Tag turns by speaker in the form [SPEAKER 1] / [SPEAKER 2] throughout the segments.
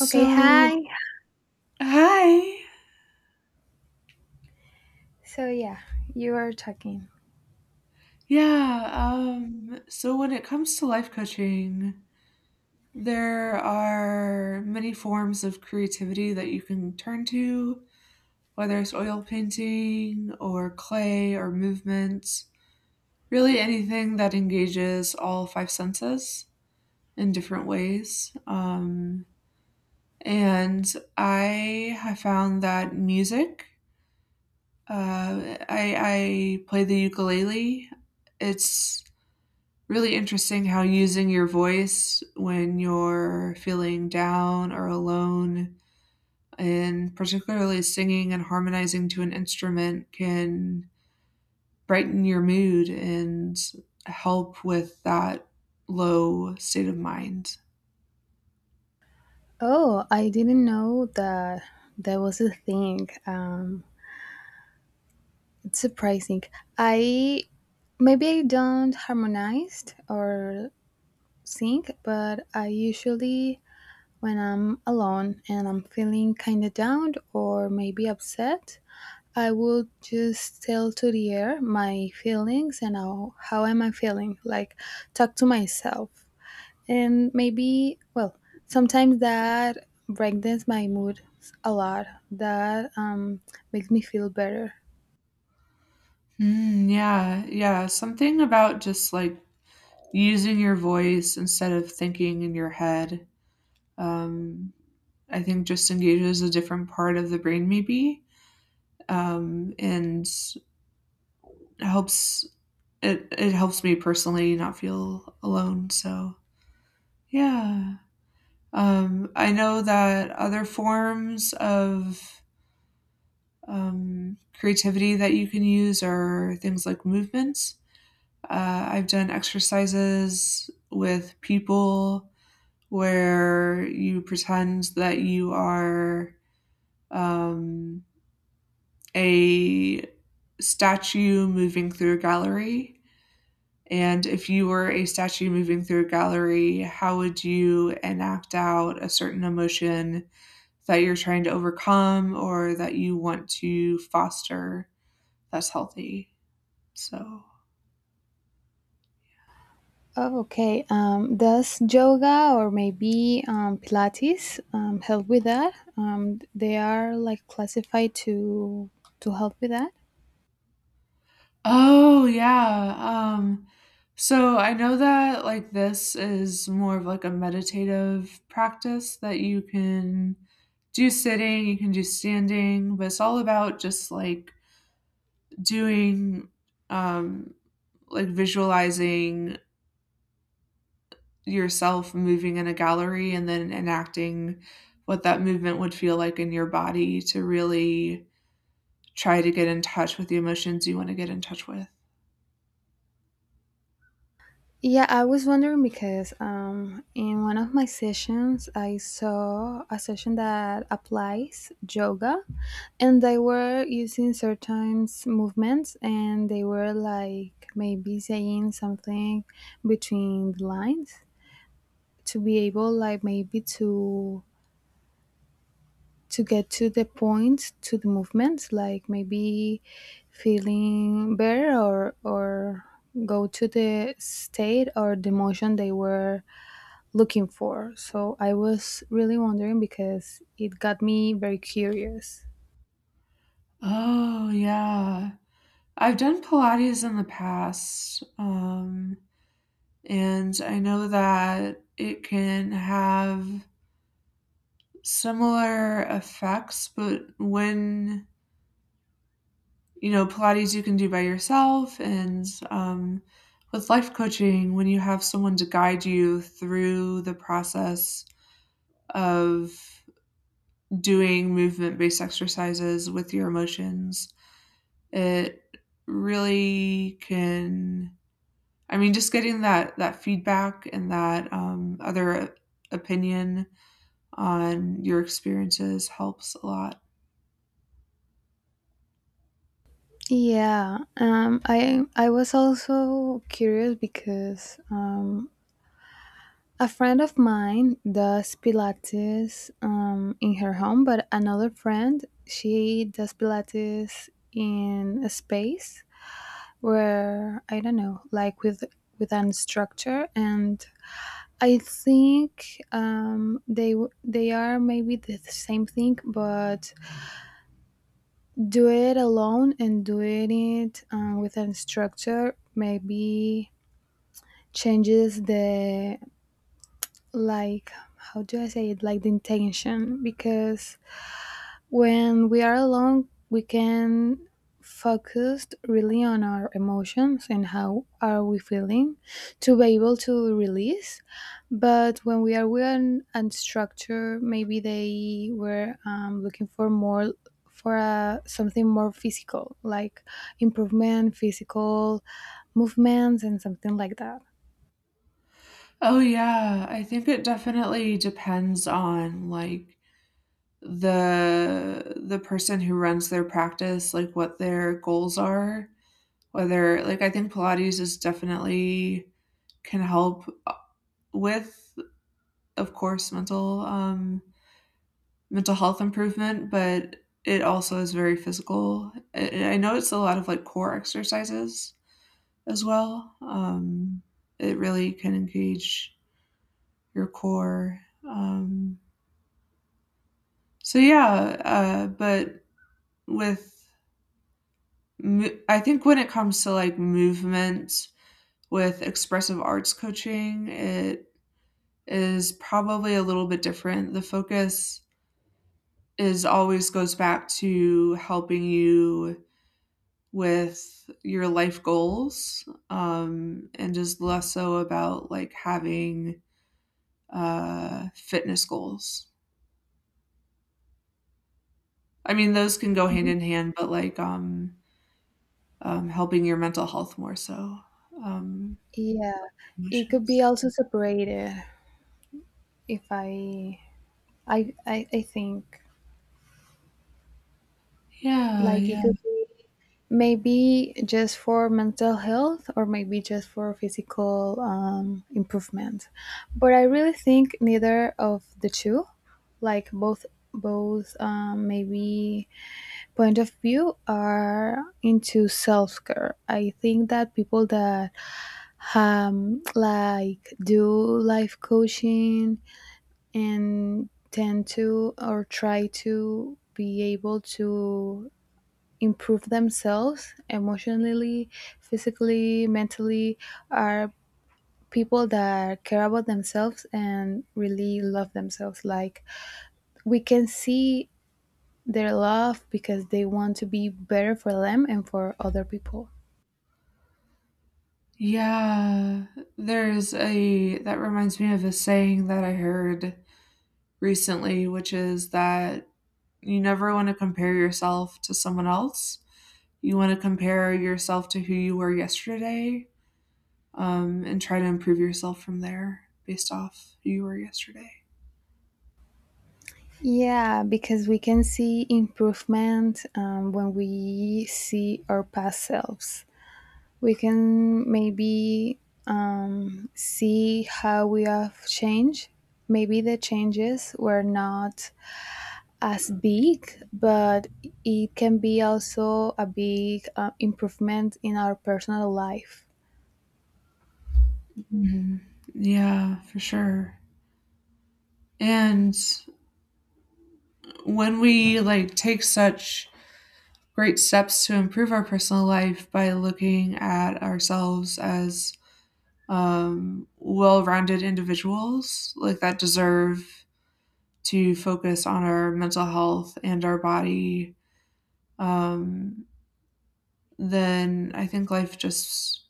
[SPEAKER 1] Okay, hi.
[SPEAKER 2] hi.
[SPEAKER 1] So yeah, you are talking.
[SPEAKER 2] Yeah, so when it comes to life coaching, there are many forms of creativity that you can turn to, whether it's oil painting or clay or movement, really anything that engages all five senses in different ways. And I have found that music, uh, I, I play the ukulele. It's really interesting how using your voice when you're feeling down or alone and particularly singing and harmonizing to an instrument can brighten your mood and help with that low state of mind.
[SPEAKER 1] Oh, I didn't know that that was a thing. It's surprising. I Maybe I don't harmonized or sing, but I usually when I'm alone and I'm feeling kind of down or maybe upset, I will just tell to the air my feelings and how am I feeling. Like talk to myself and maybe well sometimes that brightens my mood a lot that makes me feel better.
[SPEAKER 2] Mm, yeah, yeah. Something about just like using your voice instead of thinking in your head. Um, I think just engages a different part of the brain, maybe, and helps it helps me personally not feel alone. So yeah, I know that other forms of creativity that you can use are things like movements. I've done exercises with people where you pretend that you are um, a statue moving through a gallery. And if you were a statue moving through a gallery, how would you enact out a certain emotion that you're trying to overcome or that you want to foster that's healthy? So,
[SPEAKER 1] Oh, okay. Does yoga or maybe Pilates help with that? They are like classified to help with that.
[SPEAKER 2] oh, yeah. So I know that like this is more of like a meditative practice that you can do sitting, you can do standing, but it's all about just like doing um like visualizing yourself moving in a gallery and then enacting what that movement would feel like in your body to really try to get in touch with the emotions you want to get in touch with.
[SPEAKER 1] Yeah, I was wondering because in one of my sessions, I saw a session that applies yoga, and they were using certain movements, and they were like maybe saying something between the lines to be able, like maybe to get to the point to the movements, like maybe feeling better or go to the state or the motion they were looking for. So I was really wondering because it got me very curious.
[SPEAKER 2] Oh, yeah. I've done Pilates in the past, and I know that it can have similar effects, but when Pilates you can do by yourself, and with life coaching, when you have someone to guide you through the process of doing movement based exercises with your emotions, it really can. I mean, just getting that feedback and that other opinion on your experiences helps a lot.
[SPEAKER 1] Yeah, I was also curious because a friend of mine does Pilates in her home, but another friend, she does Pilates in a space where I don't know, like with an instructor, and I think they are maybe the same thing, but do it alone and doing it with a structure maybe changes the, like, how do I say it, like the intention. Because when we are alone, we can focus really on our emotions and how are we feeling to be able to release. But when we are with an unstructured, maybe they were looking for more for something more physical, like improvement, physical movements, and something like that.
[SPEAKER 2] Oh yeah, I think it definitely depends on like the person who runs their practice like what their goals are whether like I think Pilates is definitely can help with of course mental health improvement, but it also is very physical. Know it's a lot of like core exercises as well. It really can engage your core. um so yeah, but with I think when it comes to like movement with expressive arts coaching, it is probably a little bit different. The focus is always goes back to helping you with your life goals, and just less so about like having fitness goals. I mean, those can go hand
[SPEAKER 1] Mhm.
[SPEAKER 2] in hand, but like helping your mental health more so, um,
[SPEAKER 1] Yeah,
[SPEAKER 2] like your
[SPEAKER 1] it could be
[SPEAKER 2] emotions.
[SPEAKER 1] also separated, if I think.
[SPEAKER 2] Yeah,
[SPEAKER 1] Like it
[SPEAKER 2] yeah.
[SPEAKER 1] could be maybe just for mental health or maybe just for physical improvement. But I really think neither of the two, like both maybe point of view are into self-care. I think that people that like do life coaching and tend to or try to be able to improve themselves emotionally, physically, mentally are people that care about themselves and really love themselves. Like we can see their love because they want to be better for them and for other people.
[SPEAKER 2] Yeah, there's a that reminds me of a saying that I heard recently, which is that you never want to compare yourself to someone else. You want to compare yourself to who you were yesterday, and try to improve yourself from there based off who you were yesterday.
[SPEAKER 1] Yeah, because we can see improvement when we see our past selves. We can maybe see how we have changed. Maybe the changes were not as big, but it can be also a big improvement in our personal life.
[SPEAKER 2] Yeah, for sure. And when we like take such great steps to improve our personal life by looking at ourselves as well rounded individuals like that deserve to focus on our mental health and our body, um, then I think life just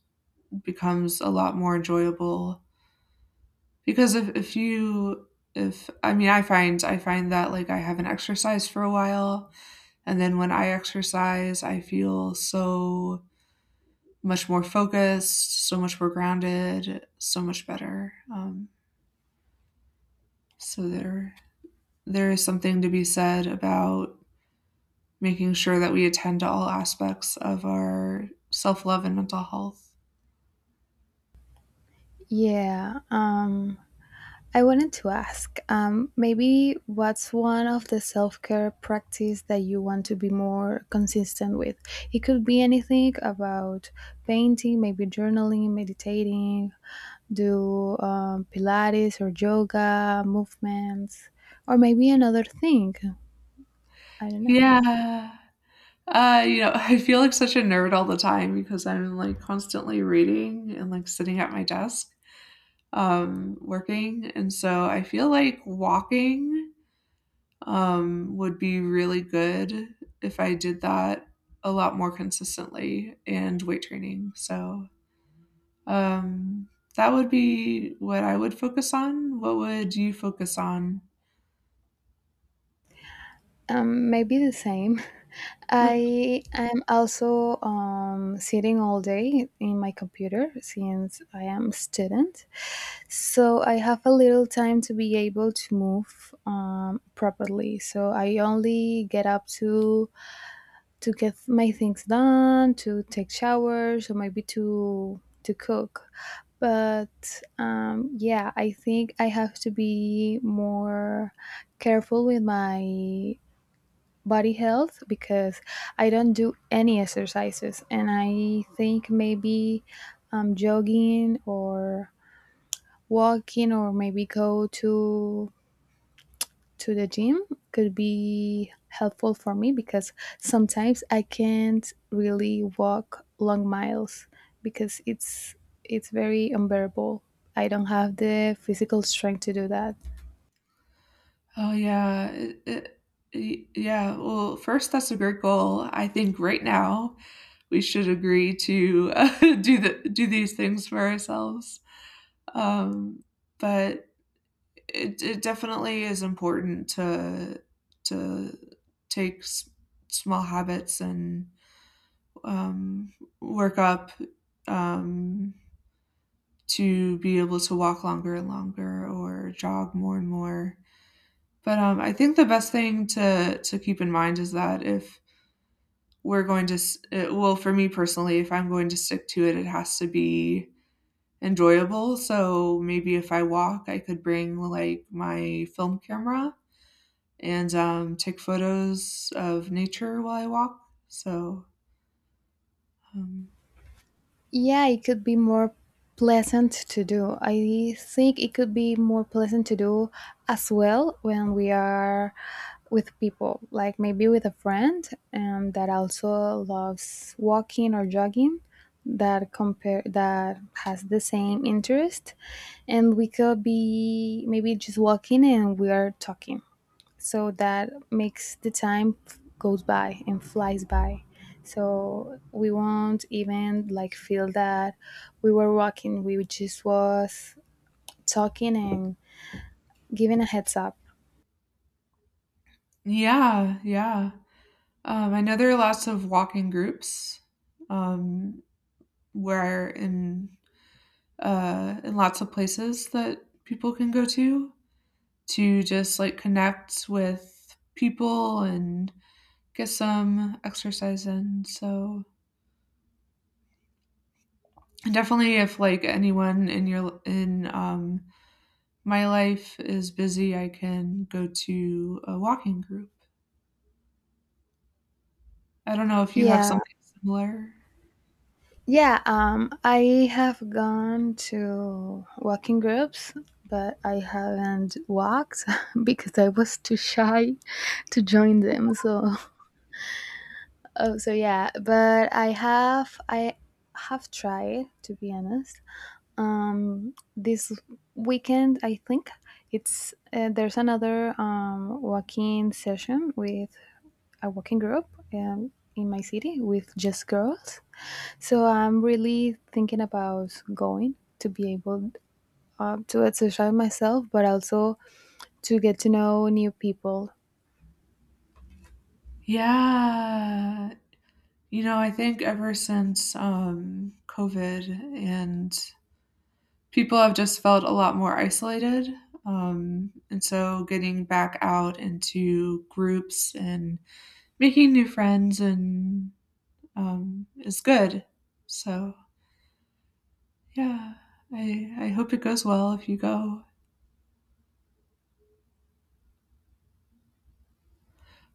[SPEAKER 2] becomes a lot more enjoyable. Because if you, if I mean, I find that like I haven't exercised for a while, and then when I exercise, I feel so much more focused, so much more grounded, so much better. So there is something to be said about making sure that we attend to all aspects of our self love and mental health.
[SPEAKER 1] Yeah. I wanted to ask, maybe what's one of the self care practice that you want to be more consistent with? It could be anything about painting, maybe journaling, meditating, do Pilates or yoga movements, or maybe another thing. I don't know.
[SPEAKER 2] Yeah. I feel like such a nerd all the time because I'm like constantly reading and like sitting at my desk, working. And so I feel like walking, would be really good if I did that a lot more consistently and weight training. So, Um, that would be what I would focus on. What would you focus on?
[SPEAKER 1] Maybe the same. I am also sitting all day in my computer since I am a student. So I have a little time to be able to move properly. So I only get up to get my things done, to take showers, or maybe to cook. But yeah, I think I have to be more careful with my body health because I don't do any exercises, and I think maybe jogging or walking or maybe go to the gym could be helpful for me because sometimes I can't really walk long miles because it's very unbearable. I don't have the physical strength to do that.
[SPEAKER 2] Oh yeah, yeah. Well, first, that's a great goal. I think right now we should agree to do the do these things for ourselves. Um, but it definitely is important to to take small habits and um, work up. Um, to be able to walk longer and longer or jog more and more. But I think the best thing to keep in mind is that, if we're going to, it, well, for me personally, if I'm going to stick to it, it has to be enjoyable. So maybe if I walk, I could bring like my film camera and take photos of nature while I walk. So, um,
[SPEAKER 1] Yeah, it could be more pleasant to do. I think it could be more pleasant to do as well when we are with people, like maybe with a friend that also loves walking or jogging, that compare, that has the same interest, and we could be maybe just walking and we are talking, so that makes the time goes by and flies by, so we won't even like feel that we were walking, we just was talking and giving a heads up.
[SPEAKER 2] yeah, yeah. I know there are lots of walking groups. Um, We're in lots of places that people can go to just like connect with people and get some exercise in. So definitely, if like anyone in my life is busy, I can go to a walking group. I don't know if you have
[SPEAKER 1] Yeah,
[SPEAKER 2] something similar.
[SPEAKER 1] yeah. I have gone to walking groups, but I haven't walked because I was too shy to join them. So oh, so yeah, but I have tried, to be honest. This weekend, I think it's there's another walking session with a walking group in my city with just girls, so I'm really thinking about going to be able to exercise myself but also to get to know new people.
[SPEAKER 2] Yeah. You know, I think ever since COVID and people have just felt a lot more isolated. And so getting back out into groups and making new friends and is good. So yeah, I hope it goes well if you go.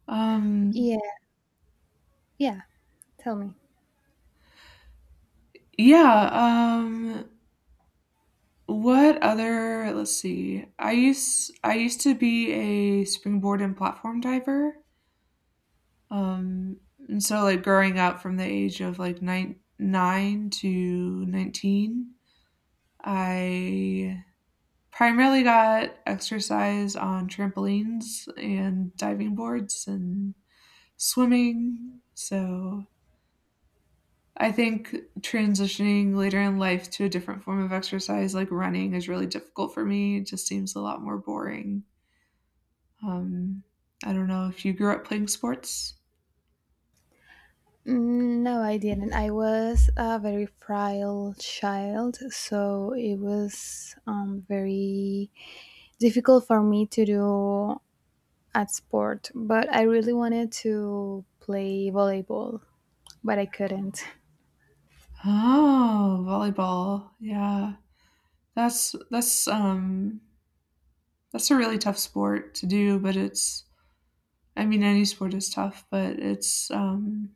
[SPEAKER 2] Um,
[SPEAKER 1] Yeah, yeah, tell me.
[SPEAKER 2] yeah. Um, what other? Let's see. I used to be a springboard and platform diver. Um, and so, like, growing up from the age of, like, nine 9 to 19, I primarily got exercise on trampolines and diving boards and swimming. So, I think transitioning later in life to a different form of exercise, like running, is really difficult for me. It just seems a lot more boring. Um, I don't know if you grew up playing sports?
[SPEAKER 1] Mm, no, I didn't. I was a very frail child, so it was very difficult for me to do at sport, but I really wanted to play volleyball, but I couldn't.
[SPEAKER 2] Oh, volleyball, yeah. That's that's um that's a really tough sport to do, but it's I mean any sport is tough, but it's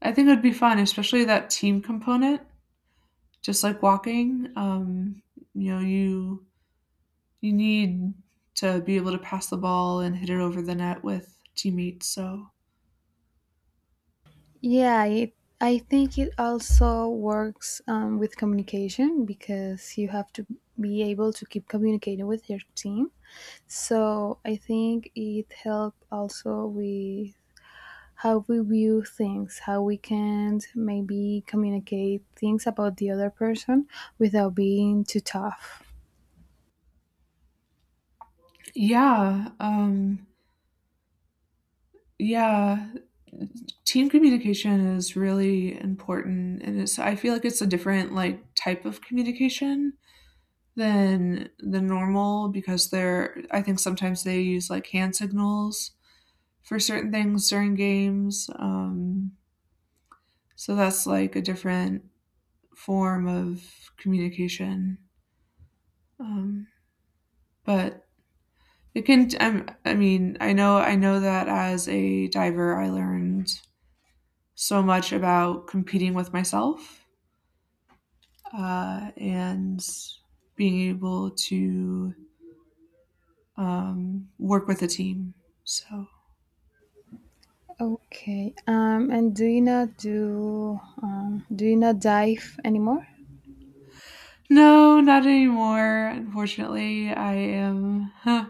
[SPEAKER 2] I think it would be fun, especially that team component, just like walking. You know, you need to be able to pass the ball and hit it over the net with teammates. So
[SPEAKER 1] Yeah, I think it also works with communication because you have to be able to keep communicating with your team. So I think it helped also with how we view things, how we can maybe communicate things about the other person without being too tough.
[SPEAKER 2] yeah, yeah, team communication is really important, and it's I feel like it's a different like type of communication than the normal because they're I think sometimes they use like hand signals for certain things during games. So that's like a different form of communication. Um, but it can. I mean, I know that as a diver, I learned so much about competing with myself and being able to work with a team. So.
[SPEAKER 1] Okay. And do you not dive anymore?
[SPEAKER 2] No, not anymore. Unfortunately, I am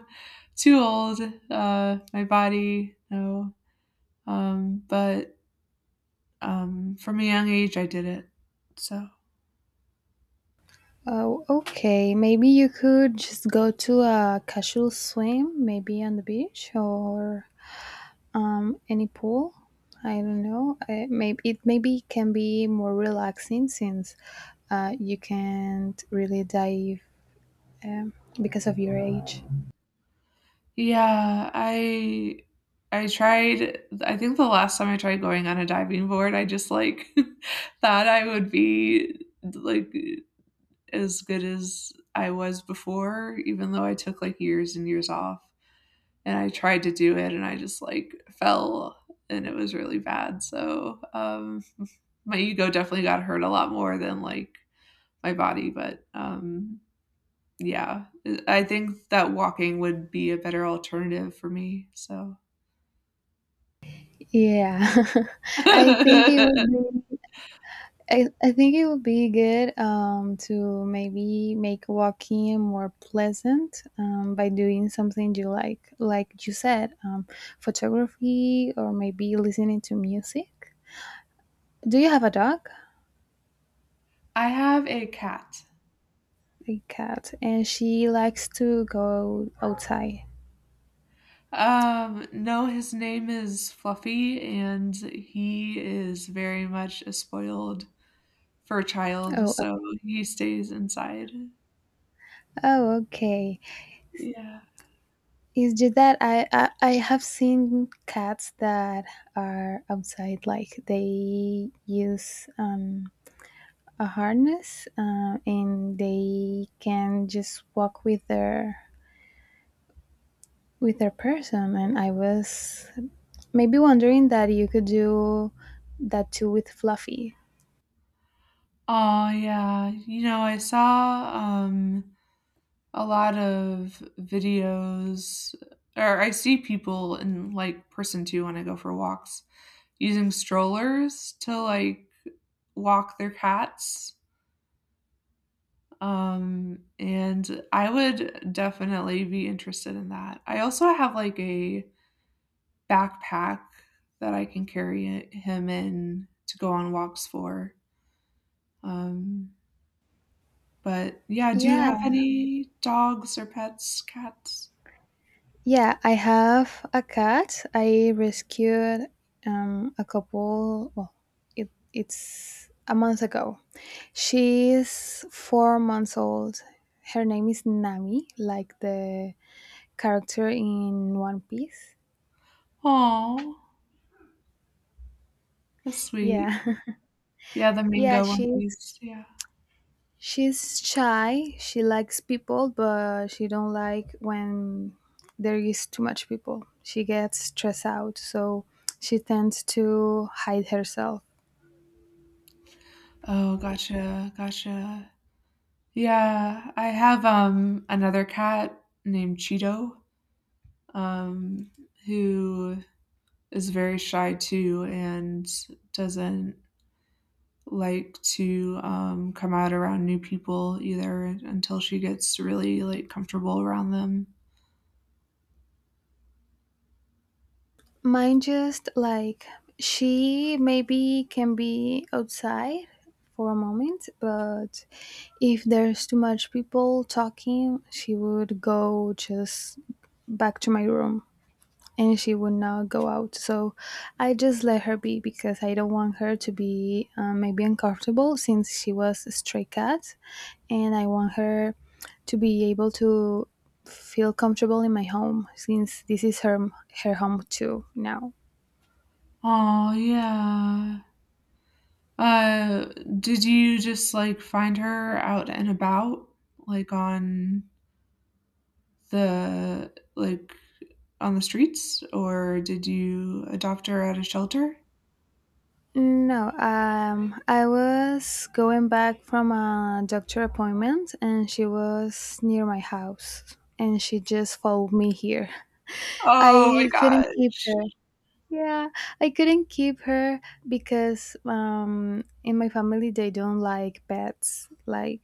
[SPEAKER 2] too old. My body, no. But from a young age, I did it. So
[SPEAKER 1] Oh, okay. Maybe you could just go to a casual swim, maybe on the beach or any pool. I don't know. Maybe it maybe can be more relaxing since you can't really dive um, because of your age.
[SPEAKER 2] yeah, I tried. I think the last time I tried going on a diving board, I just like thought I would be like as good as I was before, even though I took like years and years off. And I tried to do it and I just like fell and it was really bad. So, my ego definitely got hurt a lot more than like my body, but yeah, I think that walking would be a better alternative for me. So
[SPEAKER 1] Yeah, I think it
[SPEAKER 2] I
[SPEAKER 1] would be. I think it would be good to maybe make walking more pleasant by doing something you like you said, photography or maybe listening to music. Do you have a dog?
[SPEAKER 2] have a cat.
[SPEAKER 1] A cat, and she likes to go outside.
[SPEAKER 2] No, his name is Fluffy, and he is very much a spoiled fur child,
[SPEAKER 1] Oh,
[SPEAKER 2] so he stays inside.
[SPEAKER 1] oh, okay.
[SPEAKER 2] Yeah.
[SPEAKER 1] It's just that I have seen cats that are outside, like they use a harness and they can just walk with their person, and I was maybe wondering that you could do that too with Fluffy.
[SPEAKER 2] Oh yeah. You know, I saw, a lot of videos or I see people in, like, person too when I go for walks, using strollers to, like, walk their cats, and I would definitely be interested in that. I also have, like, a backpack that I can carry him in to go on walks um, But yeah, do you
[SPEAKER 1] Yeah,
[SPEAKER 2] have any dogs or pets, cats?
[SPEAKER 1] yeah, I have a cat. I rescued a couple, well, it's a month ago. She's 4 months old. Her name is Nami, like the character in One Piece.
[SPEAKER 2] Oh, that's sweet.
[SPEAKER 1] Yeah.
[SPEAKER 2] Yeah, the
[SPEAKER 1] Yeah,
[SPEAKER 2] mango
[SPEAKER 1] she's
[SPEAKER 2] onesies, yeah.
[SPEAKER 1] she's shy. She likes people, but she don't like when there is too much people. She gets stressed out, so she tends to hide herself.
[SPEAKER 2] Oh, gotcha, gotcha. Yeah, I have, another cat named Cheeto, um, who is very shy too and doesn't like to, come out around new people either until she gets really, like, comfortable around them.
[SPEAKER 1] Mine, just like, she maybe can be outside for a moment, but if there's too much people talking, she would go just back to my room, and she would not go out. So I just let her be because I don't want her to be maybe uncomfortable since she was a stray cat, and I want her to be able to feel comfortable in my home since this is her home too now.
[SPEAKER 2] Oh yeah. Uh, did you just, like, find her out and about, like, on the like, on the streets, or did you adopt her at a shelter?
[SPEAKER 1] No, I was going back from a doctor appointment, and she was near my house, and she just followed me here.
[SPEAKER 2] Oh my
[SPEAKER 1] I couldn't keep
[SPEAKER 2] gosh.
[SPEAKER 1] her. Yeah, I couldn't keep her because in my family they don't like pets. Like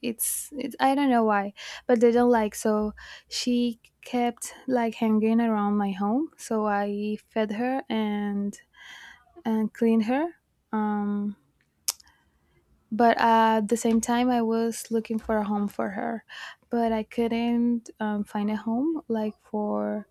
[SPEAKER 1] it's I don't know why, but they don't like. So she kept like hanging around my home. So I fed her and cleaned her. Um, but at the same time, I was looking for a home for her, but I couldn't find a home like for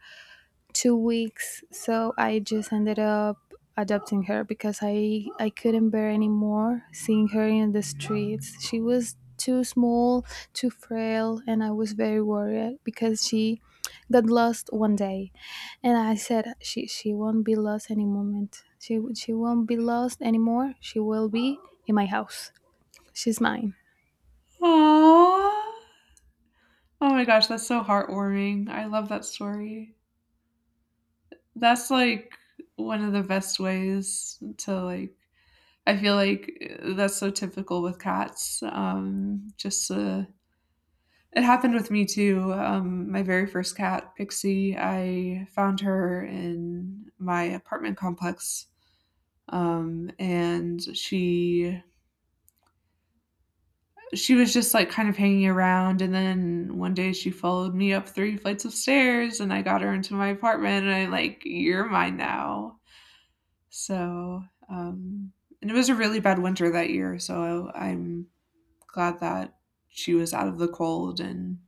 [SPEAKER 1] 2 weeks. So I just ended up adopting her because I couldn't bear anymore seeing her in the streets. She was too small, too frail, and I was very worried because she got lost one day. And I said, she won't be lost any moment, she won't be lost anymore. She will be in my house. She's mine.
[SPEAKER 2] Aw. Oh my gosh, that's so heartwarming. I love that story. That's, like, one of the best ways to, like I feel like, that's so typical with cats, just to It happened with me too. My very first cat, Pixie, I found her in my apartment complex, and she was just like kind of hanging around. And then one day she followed me up three flights of stairs, and I got her into my apartment, and I like you're mine now. So, um, and it was a really bad winter that year, so I'm glad that she was out of the cold and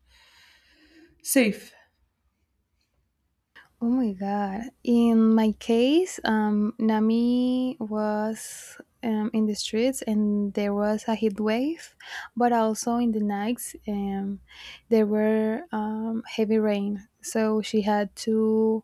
[SPEAKER 2] safe.
[SPEAKER 1] Oh my god. In my case, Nami was in the streets, and there was a heat wave, but also in the nights there were heavy rain. So she had to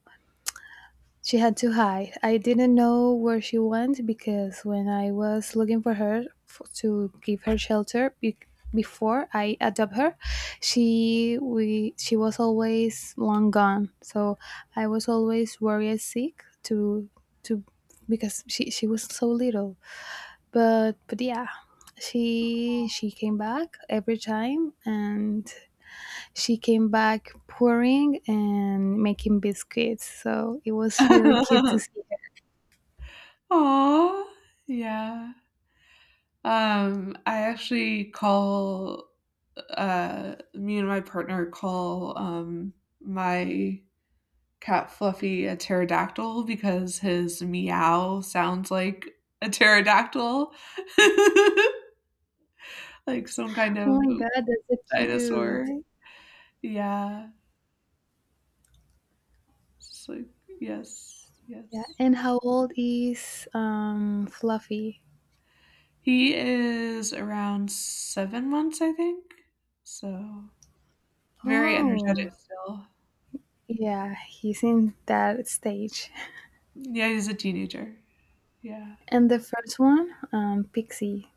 [SPEAKER 1] she had to hide. I didn't know where she went because when I was looking for her to give her shelter before I adopt her, she was always long gone. So I was always worried sick to because she was so little. But yeah, she came back every time, and she came back pouring and making biscuits. So it was really cute to see
[SPEAKER 2] Aw, yeah. I actually call me and my partner call, my cat Fluffy a pterodactyl because his meow sounds like a pterodactyl, like some
[SPEAKER 1] her.
[SPEAKER 2] kind
[SPEAKER 1] Oh
[SPEAKER 2] of
[SPEAKER 1] my god, that's so
[SPEAKER 2] dinosaur.
[SPEAKER 1] cute.
[SPEAKER 2] Yeah. It's like yes,
[SPEAKER 1] Yeah.
[SPEAKER 2] yes.
[SPEAKER 1] And how old is Fluffy?
[SPEAKER 2] He is around 7 months, I think, so very
[SPEAKER 1] Oh,
[SPEAKER 2] energetic still.
[SPEAKER 1] yeah, he's in that stage.
[SPEAKER 2] Yeah, he's a teenager. Yeah.
[SPEAKER 1] And the first one, Pixie.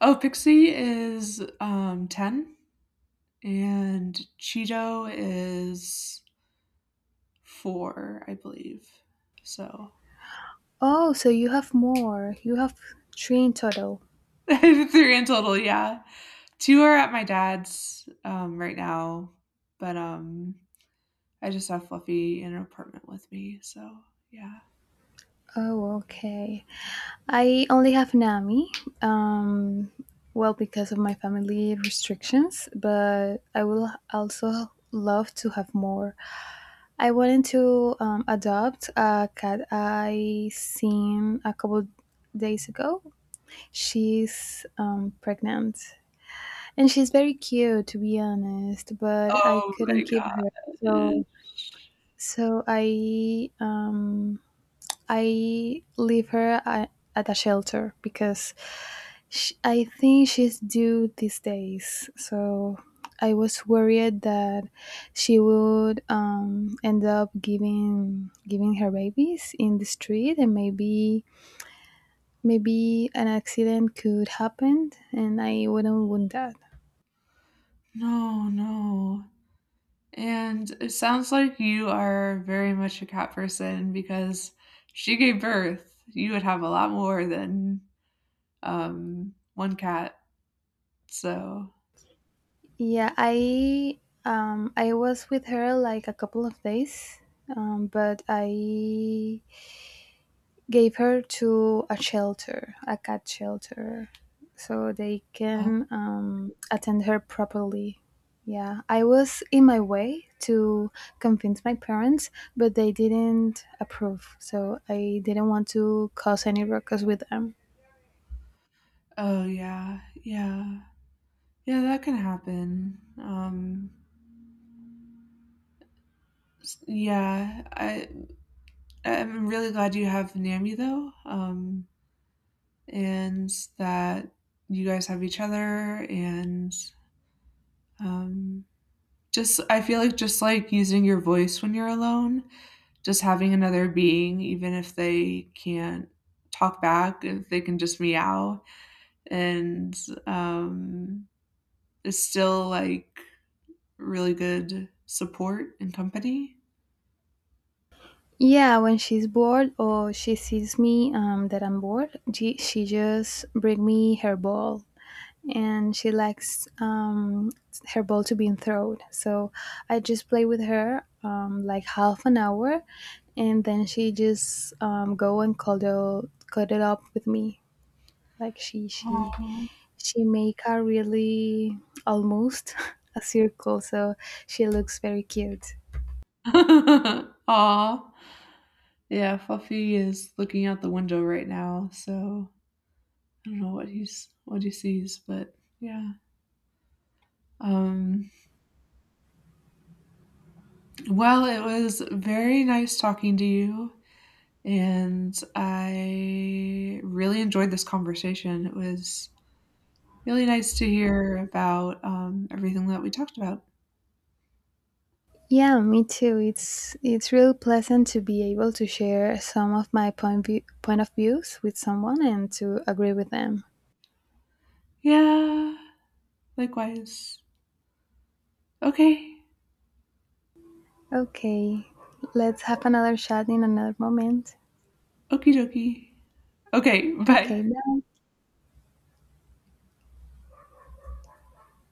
[SPEAKER 2] Oh, Pixie is 10 and Cheeto is 4, I believe. So,
[SPEAKER 1] Oh, so you have more. You have three in total.
[SPEAKER 2] 3 in total, yeah. 2 are at my dad's right now, but I just have Fluffy in an apartment with me, so yeah.
[SPEAKER 1] Oh, okay. I only have Nami. Um, well, because of my family restrictions, but I will also love to have more. I wanted to adopt a cat I seen a couple days ago. She's pregnant, and she's very cute, to be honest, but I
[SPEAKER 2] Oh
[SPEAKER 1] couldn't
[SPEAKER 2] my
[SPEAKER 1] keep
[SPEAKER 2] god.
[SPEAKER 1] her. So, so I um, I leave her at a shelter because Sh I think she's due these days, so I was worried that she would end up giving her babies in the street, and maybe an accident could happen, and I wouldn't want that.
[SPEAKER 2] No, no. And it sounds like you are very much a cat person because she gave birth. You would have a lot more than one cat. So,
[SPEAKER 1] Yeah, I was with her like a couple of days, but I gave her to a shelter, a cat shelter, so they
[SPEAKER 2] oh,
[SPEAKER 1] can attend her properly. Yeah, I was in my way to convince my parents, but they didn't approve, so I didn't want to cause any ruckus with them.
[SPEAKER 2] oh yeah, yeah, yeah, that can happen. Yeah, I'm really glad you have Nami though, and that you guys have each other and um, just I feel like just like using your voice when you're alone just having another being, even if they can't talk back, if they can just meow, and um, is still like really good support and company.
[SPEAKER 1] Yeah, when she's bored or she sees me that I'm bored, she just bring me her ball, and she likes her ball to be thrown. So I just play with her like half an hour, and then she just go and cuddle up with me. Like she make a really almost a circle, so she looks very cute.
[SPEAKER 2] Aww, Aw. Yeah, Fluffy is looking out the window right now, so I don't know what he sees, but yeah. Um, well, it was very nice talking to you. And I really enjoyed this conversation. It was really nice to hear about everything that we talked about.
[SPEAKER 1] Yeah, me too. It's really pleasant to be able to share some of my point of views with someone and to agree with them.
[SPEAKER 2] Yeah, likewise. Okay,
[SPEAKER 1] Okay, let's have another chat in another moment.
[SPEAKER 2] okie dokie. Okay,
[SPEAKER 1] Okay,
[SPEAKER 2] bye.